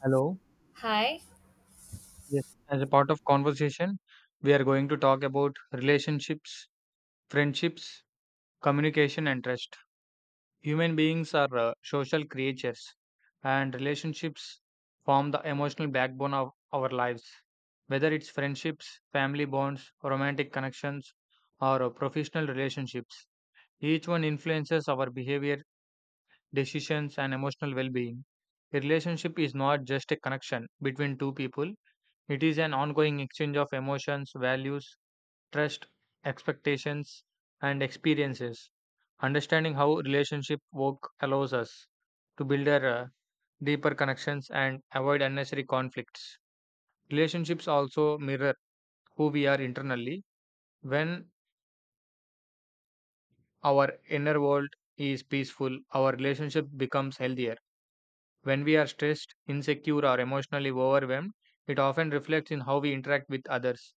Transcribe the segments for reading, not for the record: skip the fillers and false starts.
Hello. Hi. Yes. As a part of conversation, we are going to talk about relationships, friendships, communication, and trust. Human beings are social creatures, and relationships form the emotional backbone of our lives. Whether it's friendships, family bonds, romantic connections, or professional relationships, each one influences our behavior, decisions, and emotional well being. A relationship is not just a connection between two people, it is an ongoing exchange of emotions, values, trust, expectations, and experiences. Understanding how relationship work allows us to build a deeper connections and avoid unnecessary conflicts. Relationships also mirror who we are internally. When our inner world is peaceful, our relationship becomes healthier. When we are stressed, insecure, or emotionally overwhelmed, it often reflects in how we interact with others.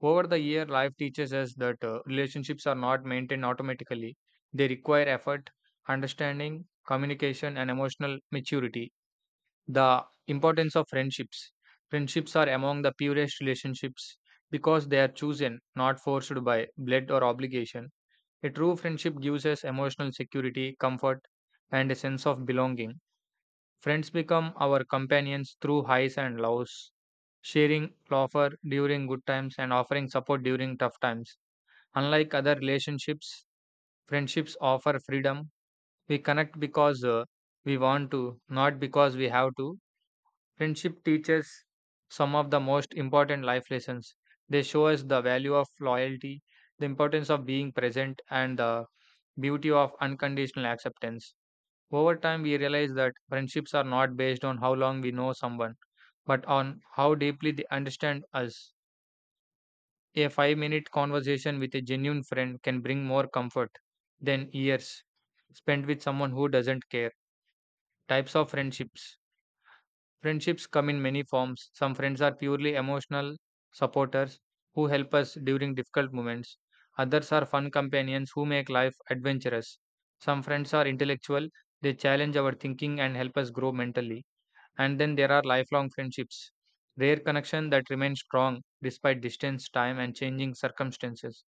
Over the year, life teaches us that relationships are not maintained automatically. They require effort, understanding, communication, and emotional maturity. The importance of friendships. Friendships are among the purest relationships because they are chosen, not forced by blood or obligation. A true friendship gives us emotional security, comfort, and a sense of belonging. Friends become our companions through highs and lows, sharing laughter during good times and offering support during tough times. Unlike other relationships, friendships offer freedom. We connect because we want to, not because we have to. Friendship teaches some of the most important life lessons. They show us the value of loyalty, the importance of being present, and the beauty of unconditional acceptance. Over time, we realize that friendships are not based on how long we know someone, but on how deeply they understand us. A 5-minute conversation with a genuine friend can bring more comfort than years spent with someone who doesn't care. Types of friendships. Friendships come in many forms. Some friends are purely emotional supporters who help us during difficult moments, others are fun companions who make life adventurous. Some friends are intellectual, they challenge our thinking and help us grow mentally. And then there are lifelong friendships, rare connection that remain strong despite distance, time, and changing circumstances.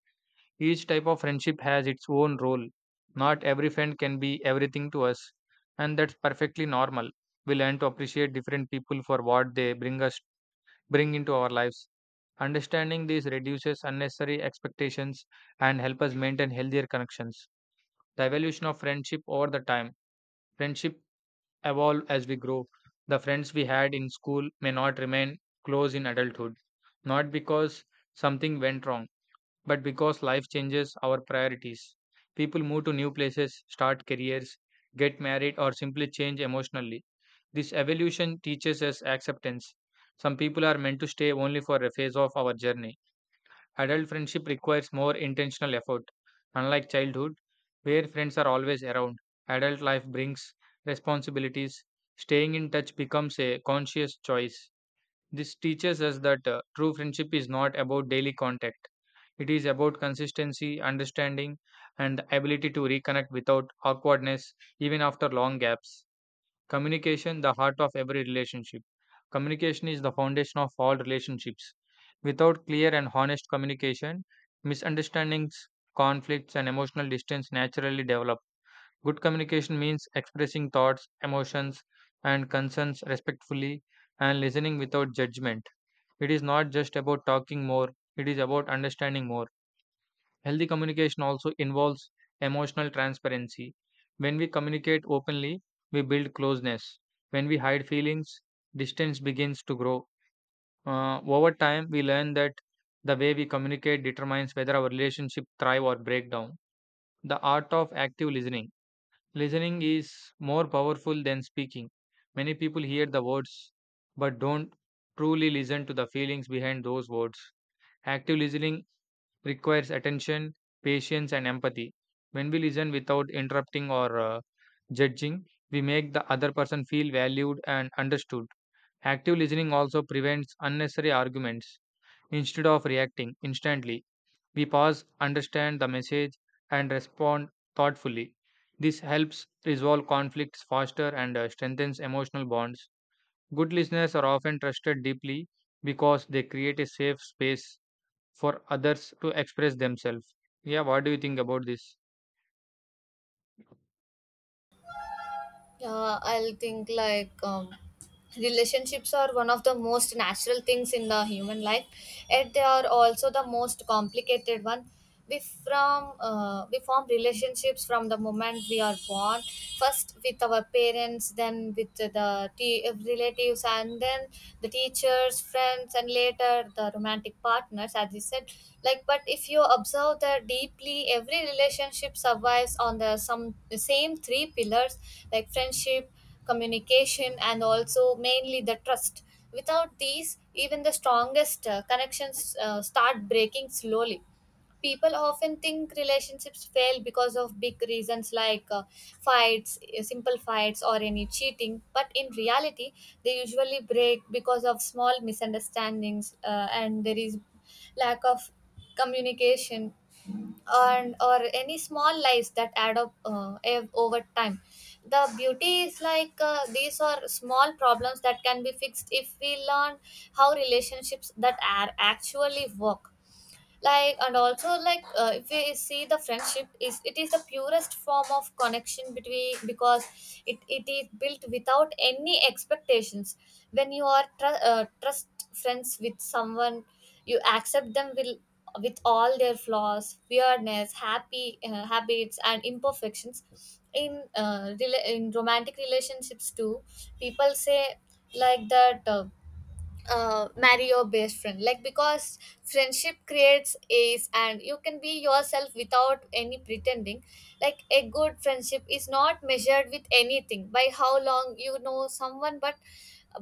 Each type of friendship has its own role. Not every friend can be everything to us, and that's perfectly normal. We learn to appreciate different people for what they bring into our lives. Understanding this reduces unnecessary expectations and help us maintain healthier connections. The evolution of friendship over the time. Friendship evolve as we grow. The friends we had in school may not remain close in adulthood, not because something went wrong, but because life changes our priorities. People move to new places, start careers, get married, or simply change emotionally. This evolution teaches us acceptance. Some people are meant to stay only for a phase of our journey. Adult friendship requires more intentional effort. Unlike childhood, where friends are always around, adult life brings responsibilities. Staying in touch becomes a conscious choice. This teaches us that true friendship is not about daily contact. It is about consistency, understanding, and the ability to reconnect without awkwardness, even after long gaps. Communication, the heart of every relationship. Communication is the foundation of all relationships. Without clear and honest communication, misunderstandings, conflicts, and emotional distance naturally develop. Good communication means expressing thoughts, emotions, and concerns respectfully and listening without judgment. It is not just about talking more, it is about understanding more. Healthy communication also involves emotional transparency. When we communicate openly, we build closeness. When we hide feelings, distance begins to grow. Over time, we learn that the way we communicate determines whether our relationship thrive or break down. The art of active listening. Listening is more powerful than speaking. Many people hear the words but don't truly listen to the feelings behind those words. Active listening requires attention, patience, and empathy. When we listen without interrupting or judging, we make the other person feel valued and understood. Active listening also prevents unnecessary arguments. Instead of reacting instantly, we pause, understand the message, and respond thoughtfully. This helps resolve conflicts faster and strengthens emotional bonds. Good listeners are often trusted deeply because they create a safe space for others to express themselves. Yeah, what do you think about this? I'll think like relationships are one of the most natural things in the human life, yet they are also the most complicated one. We form relationships from the moment we are born, first with our parents, then with the relatives, and then the teacher. Teachers, friends, and later the romantic partners, as you said. Like, but if you observe that deeply, every relationship survives on the same three pillars, like friendship, communication, and also mainly the trust. Without these, even the strongest connections start breaking slowly. People often think relationships fail because of big reasons like fights simple fights or any cheating, but in reality they usually break because of small misunderstandings, and there is lack of communication, and or any small lies that add up, over time. The beauty is like these are small problems that can be fixed if we learn how relationships that are actually work. Like, and also like if we see the friendship is it is the purest form of connection between, because it is built without any expectations. When you are trust friends with someone, you accept them will with all their flaws, weirdness, happy habits, and imperfections in in romantic relationships too. People say like that, marry your best friend, like because friendship creates ace and you can be yourself without any pretending. Like a good friendship is not measured with anything by how long you know someone, but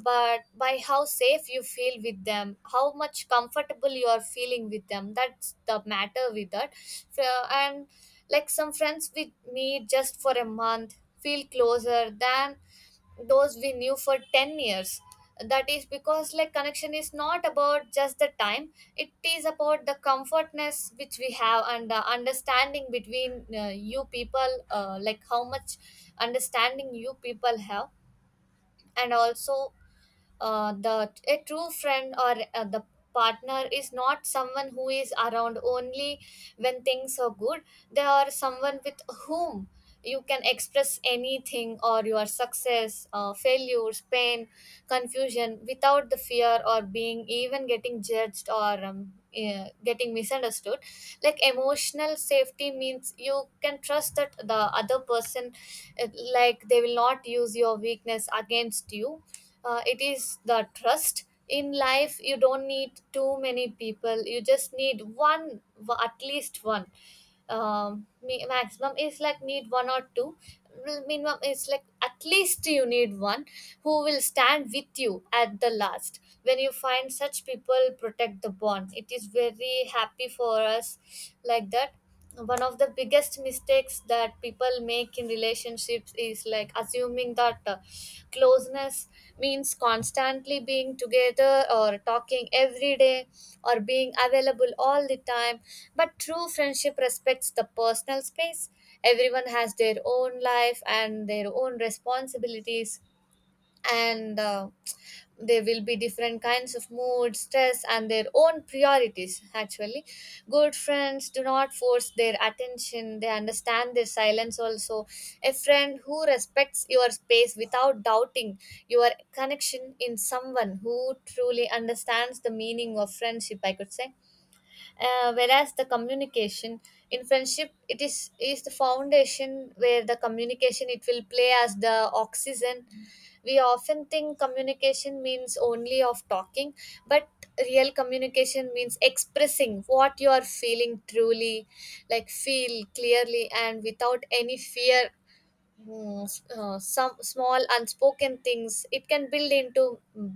by how safe you feel with them, how much comfortable you are feeling with them. That's the matter with that. So, and like some friends with me just for a month feel closer than those we knew for 10 years. That is because like connection is not about just the time, it is about the comfortness which we have and the understanding between, you people, like how much understanding you people have. And also the a true friend or the partner is not someone who is around only when things are good. They are someone with whom you can express anything, or your success, failures, pain, confusion, without the fear or being even getting judged or getting misunderstood. Like emotional safety means you can trust that the other person, uh, like they will not use your weakness against you. Uh, it is the trust in life. You don't need too many people, you just need one, at least one. Maximum is like need one or two. Well, minimum is like at least you need one who will stand with you at the last. When you find such people, protect the bond, it is very happy for us, like that. One of the biggest mistakes that people make relationships is like assuming that closeness means constantly being together or talking every day or being available all the time. But true friendship respects the personal space. Everyone has their own life and their own responsibilities, and there will be different kinds of mood, stress, and their own priorities actually. Good friends do not force their attention, they understand their silence also. A friend who respects your space without doubting your connection in someone who truly understands the meaning of friendship, I could say. Uh, whereas the communication in friendship, it is the foundation. Where the communication, it will play as the oxygen. We often think communication means only of talking, but real communication means expressing what you are feeling truly, like feel clearly and without any fear. Hmm, some small unspoken things, it can build into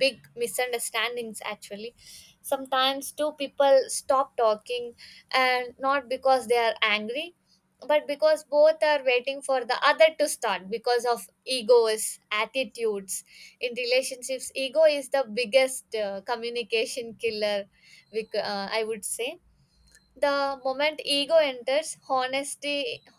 big misunderstandings actually. Sometimes two people stop talking, and not because they are angry, but because both are waiting for the other to start, because of egos, attitudes. In relationships, ego is the biggest communication killer. I would say the moment ego enters, honesty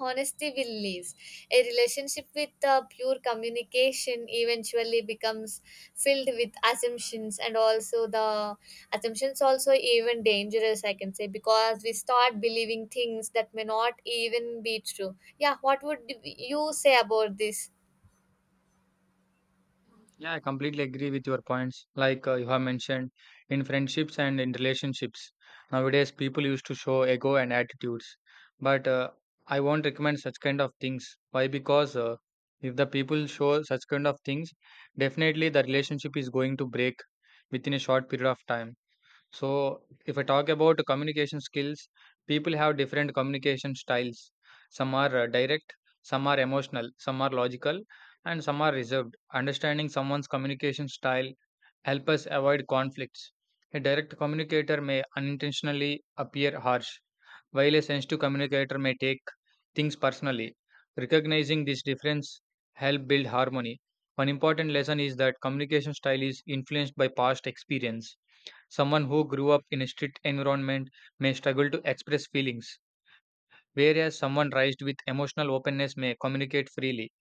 honesty will leave. A relationship with pure communication eventually becomes filled with assumptions, and also the assumptions also even dangerous, I can say, because we start believing things that may not even be true. Yeah, what would you say about this? Yeah, I completely agree with your points. Like you have mentioned, in friendships and in relationships, nowadays people used to show ego and attitudes. But I won't recommend such kind of things. Why? Because if the people show such kind of things, definitely the relationship is going to break within a short period of time. So, if I talk about communication skills, people have different communication styles. Some are direct, some are emotional, some are logical, and some are reserved. Understanding someone's communication style help us avoid conflicts. A direct communicator may unintentionally appear harsh, while a sensitive communicator may take things personally. Recognizing this difference help build harmony. One important lesson is that communication style is influenced by past experience. Someone who grew up in a strict environment may struggle to express feelings, whereas someone raised with emotional openness may communicate freely.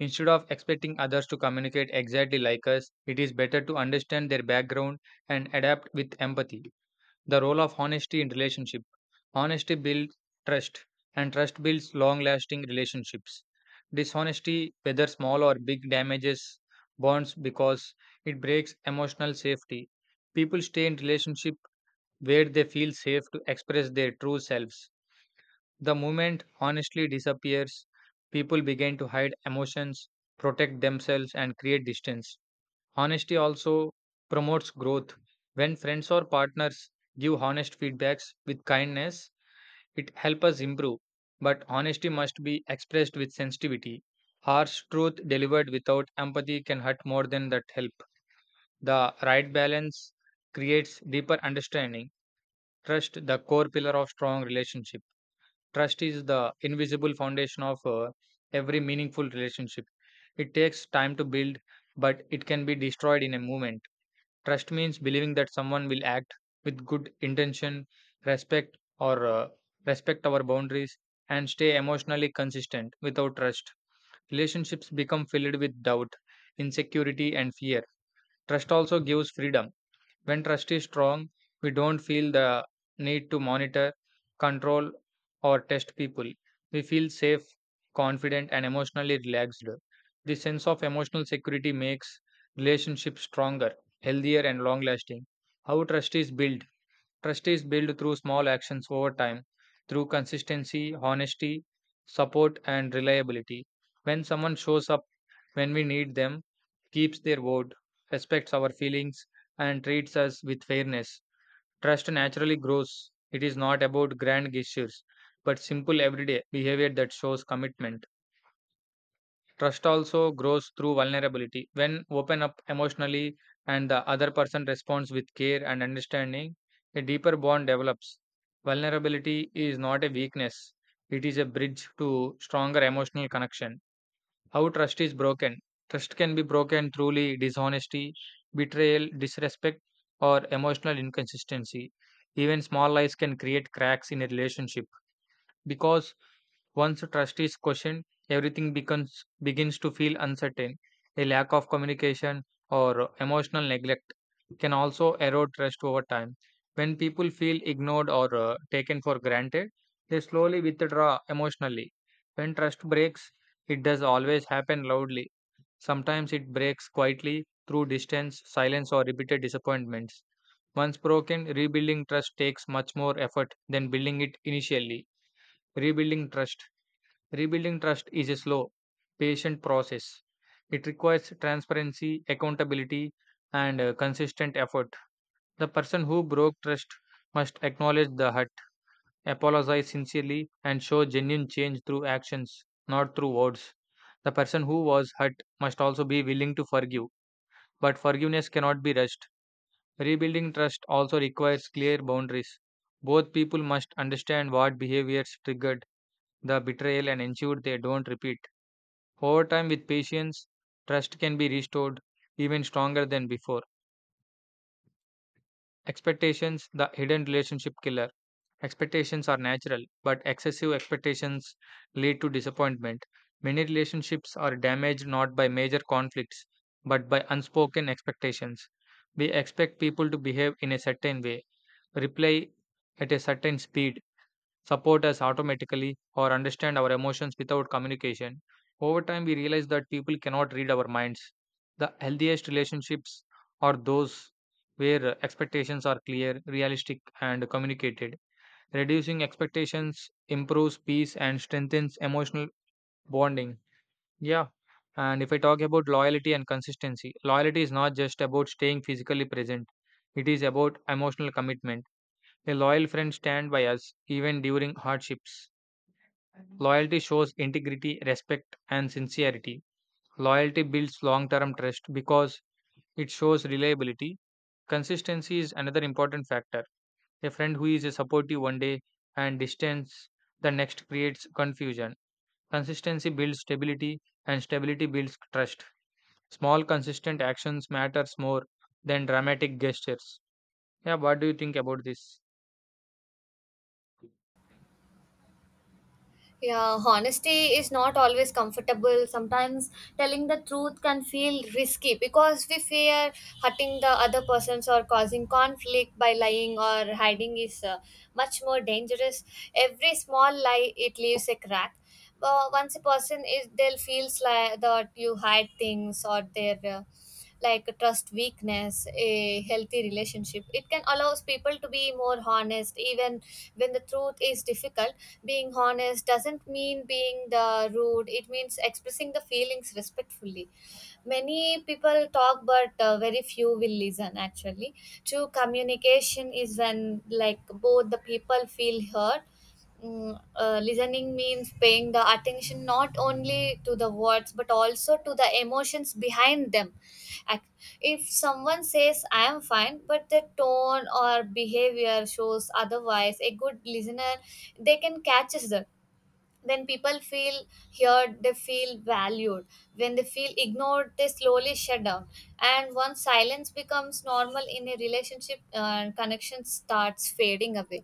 Instead of expecting others to communicate exactly like us, it is better to understand their background and adapt with empathy. The role of honesty in relationship. Honesty builds trust, and trust builds long-lasting relationships. Dishonesty, whether small or big, damages bonds because it breaks emotional safety. People stay in relationship where they feel safe to express their true selves. The moment honestly disappears, people begin to hide emotions, protect themselves, and create distance. Honesty also promotes growth. When friends or partners give honest feedbacks with kindness, it helps us improve. But honesty must be expressed with sensitivity. Harsh truth delivered without empathy can hurt more than that help. The right balance creates deeper understanding. Trust, the core pillar of strong relationship. Trust is the invisible foundation of every meaningful relationship. It takes time to build, but it can be destroyed in a moment. Trust means believing that someone will act with good intention, respect or uh, respect our boundaries and stay emotionally consistent. Without trust, relationships become filled with doubt, insecurity and fear. Trust also gives freedom. When trust is strong, we don't feel the need to monitor, control, or test people. We feel safe, confident, and emotionally relaxed. This sense of emotional security makes relationships stronger, healthier, and long lasting. How trust is built? Trust is built through small actions over time, through consistency, honesty, support, and reliability. When someone shows up when we need them, keeps their word, respects our feelings, and treats us with fairness. Trust naturally grows. It is not about grand gestures, but simple everyday behavior that shows commitment. Trust also grows through vulnerability. When open up emotionally and the other person responds with care and understanding, a deeper bond develops. Vulnerability is not a weakness, it is a bridge to stronger emotional connection. How trust is broken? Trust can be broken through dishonesty, betrayal, disrespect, or emotional inconsistency. Even small lies can create cracks in a relationship because once trust is questioned, everything becomes begins to feel uncertain. A lack of communication or emotional neglect can also erode trust over time. When people feel ignored or taken for granted, they slowly withdraw emotionally. When trust breaks, it does always happen loudly. Sometimes it breaks quietly through distance, silence, or repeated disappointments. Once broken, rebuilding trust takes much more effort than building it initially. Rebuilding trust. Rebuilding trust is a slow, patient process. It requires transparency, accountability, and consistent effort. The person who broke trust must acknowledge the hurt, apologize sincerely, and show genuine change through actions, not through words. The person who was hurt must also be willing to forgive but forgiveness cannot be rushed. Rebuilding trust also requires clear boundaries. Both people must understand what behaviors triggered the betrayal and ensure they don't repeat. Over time, with patience, trust can be restored even stronger than before. Expectations, the hidden relationship killer. Expectations are natural, but excessive expectations lead to disappointment. Many relationships are damaged not by major conflicts, but by unspoken expectations. We expect people to behave in a certain way, reply at a certain speed, support us automatically, or understand our emotions without communication. Over time, we realize that people cannot read our minds. The healthiest relationships are those where expectations are clear, realistic, and communicated. Reducing expectations improves peace and strengthens emotional bonding. Yeah. And if I talk about loyalty and consistency, loyalty is not just about staying physically present, it is about emotional commitment. A loyal friend stands by us even during hardships. Loyalty shows integrity, respect, and sincerity. Loyalty builds long term trust because it shows reliability. Consistency is another important factor. A friend who is supportive one day and distance the next creates confusion. Consistency builds stability and stability builds trust. Small consistent actions matters more than dramatic gestures. Yeah, what do you think about this? Yeah, honesty is not always comfortable. Sometimes telling the truth can feel risky because we fear hurting the other persons or causing conflict, by lying or hiding is much more dangerous. Every small lie, it leaves a crack. But once a person is, they will feels like that you hide things or their, like a trust weakness, a healthy relationship. It can allows people to be more honest even when the truth is difficult. Being honest doesn't mean being the rude, it means expressing the feelings respectfully. Many people talk, but very few will listen. Actually, true communication is when like both the people feel heard. Mm, listening means paying the attention not only to the words but also to the emotions behind them. Ac- If someone says "I am fine," but the tone or behavior shows otherwise, a good listener, they can catch that. When people feel heard, they feel valued. When they feel ignored, they slowly shut down, and once silence becomes normal in a relationship, connection starts fading away.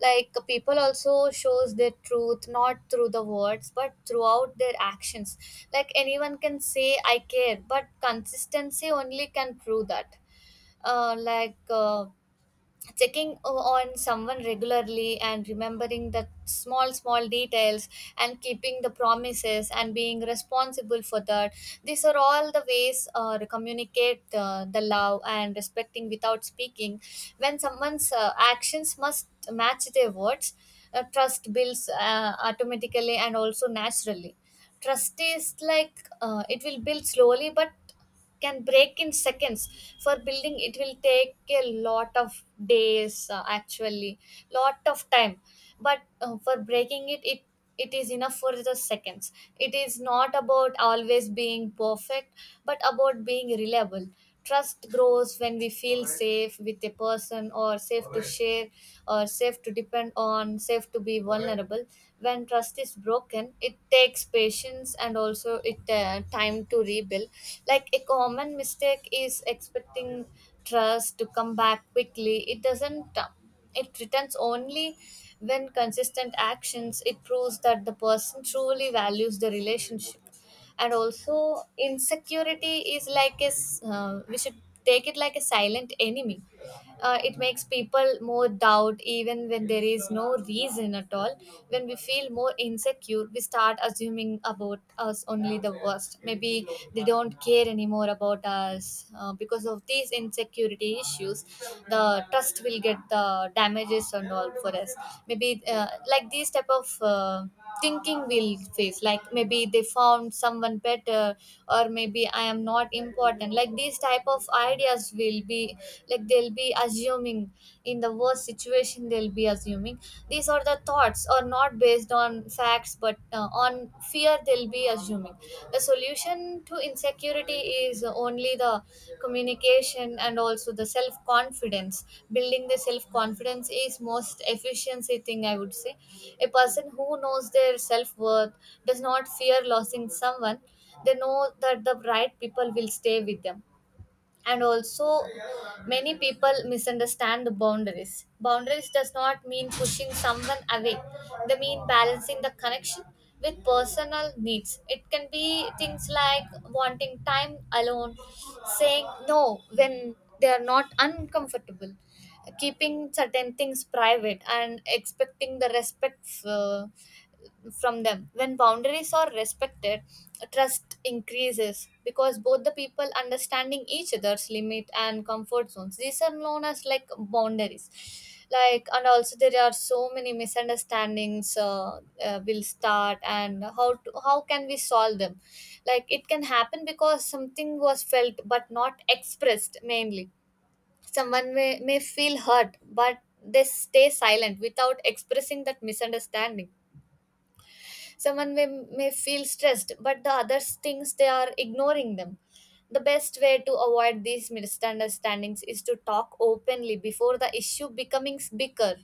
Like, people also shows their truth not through the words but throughout their actions. Like anyone can say I care, but consistency only can prove that. uh, like uh, Checking on someone regularly and remembering the small small details, and keeping the promises and being responsible for that, these are all the ways to communicate the love and respecting without speaking. When someone's actions must match their words, trust builds automatically and also naturally. Trust is like it will build slowly, but can break in seconds. For building it will take a lot of days, actually lot of time. But for breaking it, it is enough for the seconds. It is not about always being perfect, but about being reliable. Trust grows when we feel safe with a person, or safe to share, or safe to depend on, safe to be vulnerable. When trust is broken, it takes patience and also it time to rebuild. Like a common mistake is expecting trust to come back quickly. It doesn't, it returns only when consistent actions, it proves that the person truly values the relationship. And also insecurity is like we should take it like a silent enemy. Uh, it makes people more doubt even when there is no reason at all. When we feel more insecure, we start assuming about us only the worst. Maybe they don't care anymore about us, because of these insecurity issues, the trust will get the damages and all for us. Maybe like these type of thinking we'll face, like maybe they found someone better or maybe I am not important, like these type of ideas we will be, like they'll be assuming. In the worst situation, they'll be assuming. These are the thoughts are not based on facts but on fear, they'll be assuming. The solution to insecurity is only the communication and also the self confidence. Building the self confidence is most efficiency thing, I would say. A person who knows their self worth does not fear losing someone. They know that the right people will stay with them. And also, many people misunderstand the boundaries. Boundaries does not mean pushing someone away, they mean balancing the connection with personal needs. It can be things like wanting time alone, saying no when they are not uncomfortable, keeping certain things private, and expecting the respect, uh, from them. When boundaries are respected, trust increases because both the people understanding each other's limit and comfort zones. These are known as like boundaries. Like, and also there are so many misunderstandings, will start. And how can we solve them? Like, it can happen because something was felt but not expressed mainly. Someone may feel hurt but they stay silent without expressing that misunderstanding. Someone may feel stressed, but the others thinks they are ignoring them. The best way to avoid these misunderstandings is to talk openly before the issue becomes bigger.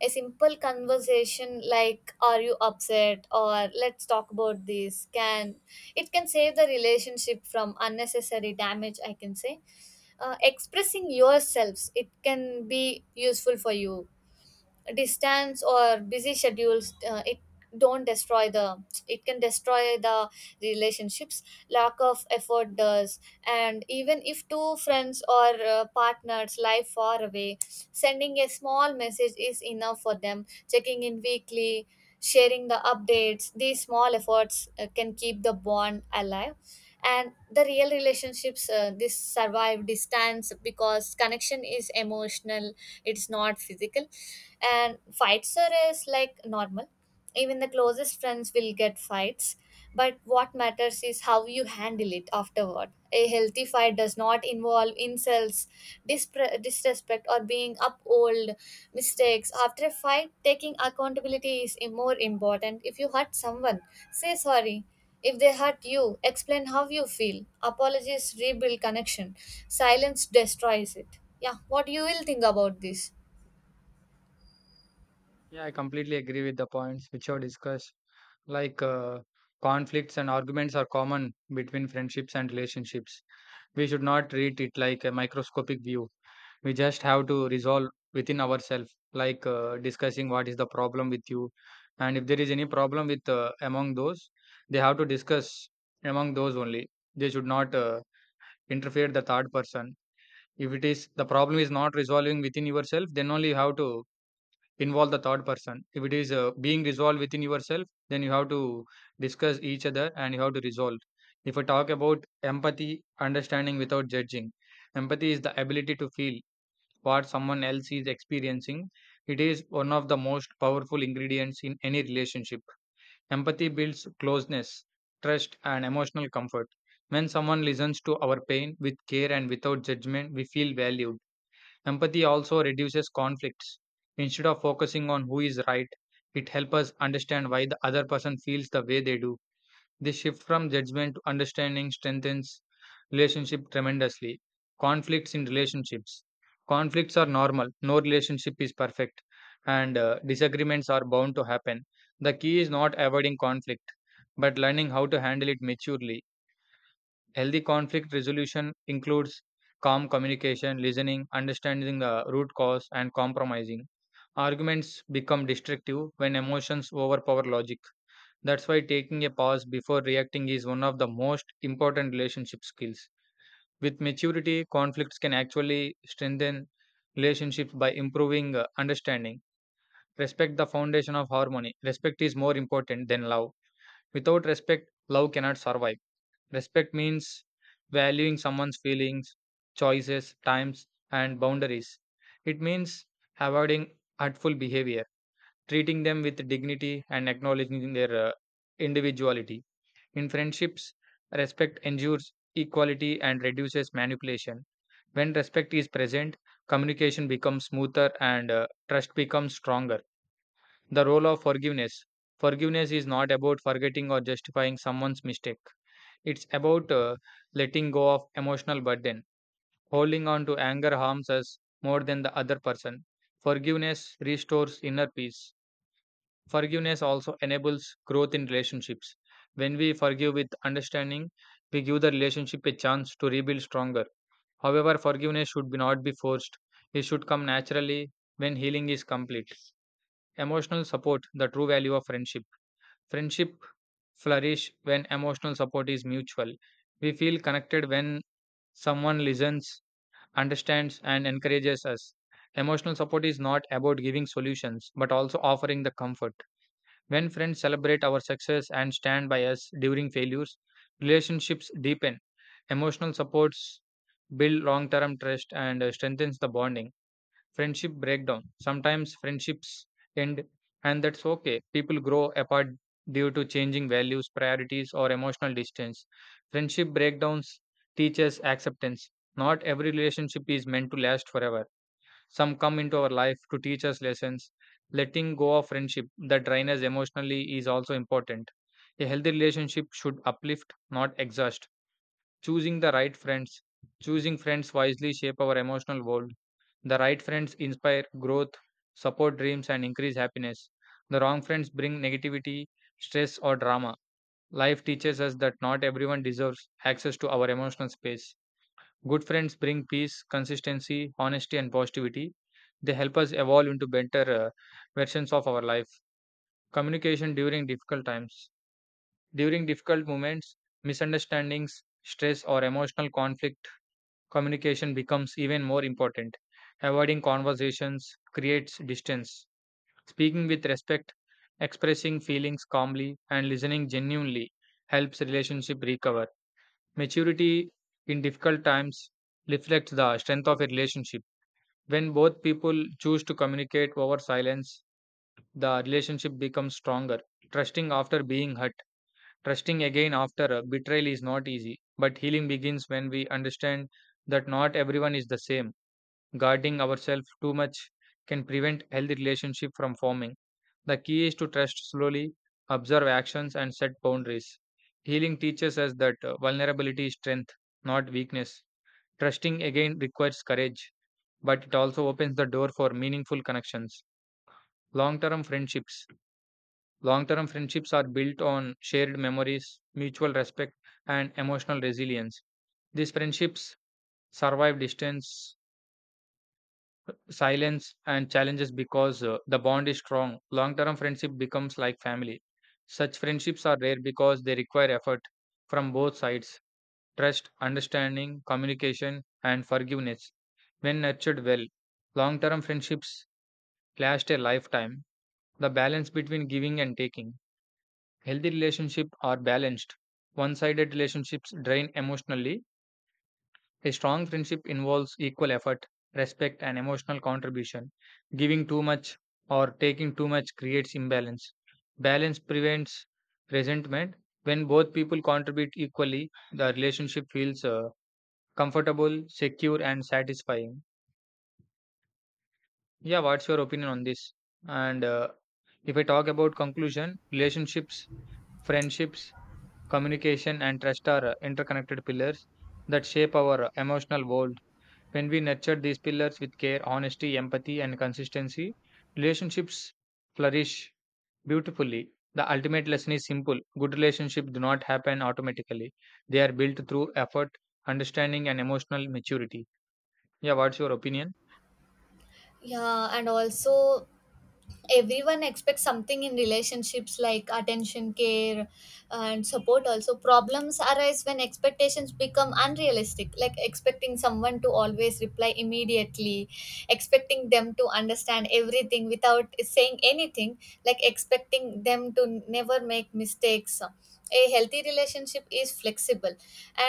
A simple conversation like "Are you upset?" or "Let's talk about this" can, it can save the relationship from unnecessary damage. I can say, expressing yourselves, it can be useful for you. Distance or busy schedules, it don't destroy the, it can destroy the relationships, lack of effort does. And even if two friends or partners live far away, sending a small message is enough for them, checking in weekly, sharing the updates, these small efforts can keep the bond alive. And the real relationships, this survive distance, because connection is emotional, it's not physical. And fights are is like normal. Even the closest friends will get fights, but what matters is how you handle it afterward. A healthy fight does not involve insults, disrespect, or being up old mistakes. After a fight, taking accountability is more important. If you hurt someone, say sorry. If they hurt you, explain how you feel. Apologies rebuild connection, silence destroys it. Yeah, what you will think about this? Yeah, I completely agree with the points which you have discussed. Like uh, Conflicts and arguments are common between friendships and relationships. We should not treat it like a microscopic view. We just have to resolve within ourselves, discussing what is the problem with you, and if there is any problem with among those, they have to discuss among those only. They should not interfere the third person. If it is the problem is not resolving within yourself, then only you have to involve the third person if it is being resolved within yourself, then you have to discuss each other and you have to resolve. If I talk about empathy, understanding without judging, empathy is the ability to feel what someone else is experiencing. It is one of the most powerful ingredients in any relationship. Empathy builds closeness, trust and emotional comfort. When someone listens to our pain with care and without judgment, we feel valued. Empathy also reduces conflicts. Instead of focusing on who is right, it helps us understand why the other person feels the way they do. This shift from judgment to understanding strengthens relationship tremendously. Conflicts in relationships. Conflicts are normal. No relationship is perfect, and disagreements are bound to happen. The key is not avoiding conflict but learning how to handle it maturely. Healthy conflict resolution includes calm communication, listening, understanding the root cause, and compromising. Arguments become destructive when emotions overpower logic. That's why taking a pause before reacting is one of the most important relationship skills. With maturity, conflicts can actually strengthen relationships by improving understanding. Respect, the foundation of harmony. Respect is more important than love. Without respect, love cannot survive. Respect means valuing someone's feelings, choices, times, and boundaries. It means avoiding hurtful behavior, treating them with dignity, and acknowledging their individuality. In friendships, respect ensures equality and reduces manipulation. When respect is present, communication becomes smoother and trust becomes stronger. The role of forgiveness. Forgiveness is not about forgetting or justifying someone's mistake. It's about letting go of emotional burden. Holding on to anger harms us more than the other person. Forgiveness restores inner peace. Forgiveness also enables growth in relationships. When we forgive with understanding, we give the relationship a chance to rebuild stronger. However, forgiveness should be not be forced. It should come naturally when healing is complete. Emotional support, the true value of friendship. Friendship flourish when emotional support is mutual. We feel connected when someone listens, understands, and encourages us. Emotional support is not about giving solutions, but also offering the comfort. When friends celebrate our success and stand by us during failures, relationships deepen. Emotional supports build long term trust and strengthens the bonding. Friendship breakdown. Sometimes friendships end and that's okay. People grow apart due to changing values, priorities or emotional distance. Friendship breakdowns teach us acceptance. Not every relationship is meant to last forever. Some come into our life to teach us lessons. Letting go of friendship that drain us emotionally is also important. A healthy relationship should uplift, not exhaust. Choosing the right friends. Choosing friends wisely shape our emotional world. The right friends inspire growth, support dreams, and increase happiness. The wrong friends bring negativity, stress, or drama. Life teaches us that not everyone deserves access to our emotional space. Good friends bring peace, consistency, honesty, and positivity. They help us evolve into better versions of our life. Communication during difficult times. During difficult moments, misunderstandings, stress, or emotional conflict, communication becomes even more important. Avoiding conversations creates distance. Speaking with respect, expressing feelings calmly, and listening genuinely helps relationship recover. Maturity in difficult times reflects the strength of a relationship. When both people choose to communicate over silence, the relationship becomes stronger. Trusting after being hurt, trusting again after a betrayal is not easy, but healing begins when we understand that not everyone is the same. Guarding ourselves too much can prevent healthy relationship from forming. The key is to trust slowly, observe actions, and set boundaries. Healing teaches us that vulnerability is strength, not weakness. Trusting again requires courage, but it also opens the door for meaningful connections. Long term friendships. Long term friendships are built on shared memories, mutual respect, and emotional resilience. These friendships survive distance, silence and challenges because the bond is strong. Long term friendship becomes like family. Such friendships are rare because they require effort from both sides, trust, understanding, communication, and forgiveness. When nurtured well, long term friendships last a lifetime. The balance between giving and taking. Healthy relationships are balanced. One sided relationships drain emotionally. A strong friendship involves equal effort, respect, and emotional contribution. Giving too much or taking too much creates imbalance. Balance prevents resentment. When both people contribute equally, the relationship feels comfortable, secure, and satisfying. Yeah, what's your opinion on this? And if I talk about conclusion, relationships, friendships, communication, and trust are interconnected pillars that shape our emotional world. When we nurture these pillars with care, honesty, empathy, and consistency, relationships flourish beautifully. The ultimate lesson is simple, good relationships do not happen automatically, they are built through effort, understanding, and emotional maturity. Yeah, what's your opinion? Yeah, and also everyone expects something in relationships, like attention, care, and support. Also, problems arise when expectations become unrealistic, like expecting someone to always reply immediately, expecting them to understand everything without saying anything, like expecting them to never make mistakes. A healthy relationship is flexible,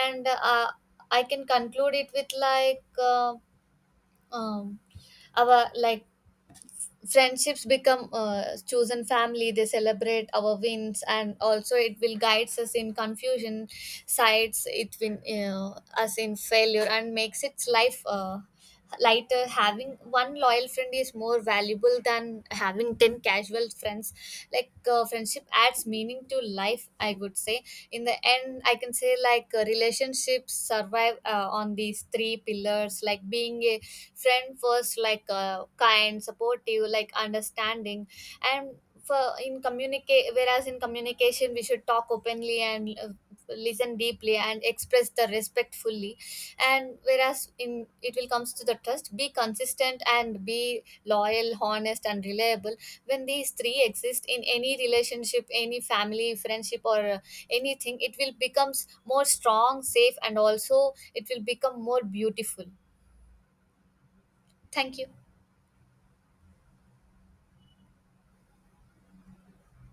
and I can conclude it with like um, our like friendships become chosen family. They celebrate our wins and also it will guides us in confusion sides. It will, us in failure, and makes its life, lighter. Having one loyal friend is more valuable than having 10 casual friends. Like friendship adds meaning to life, I would say. In the end, I can say like relationships survive on these three pillars. Like being a friend first, like kind, supportive, like understanding. And for in communicate, whereas in communication we should talk openly and listen deeply and express the respectfully. And whereas in, it will comes to the trust, be consistent and be loyal, honest, and reliable. When these three exist in any relationship, any family, friendship, or anything, it will becomes more strong, safe, and also it will become more beautiful. Thank you.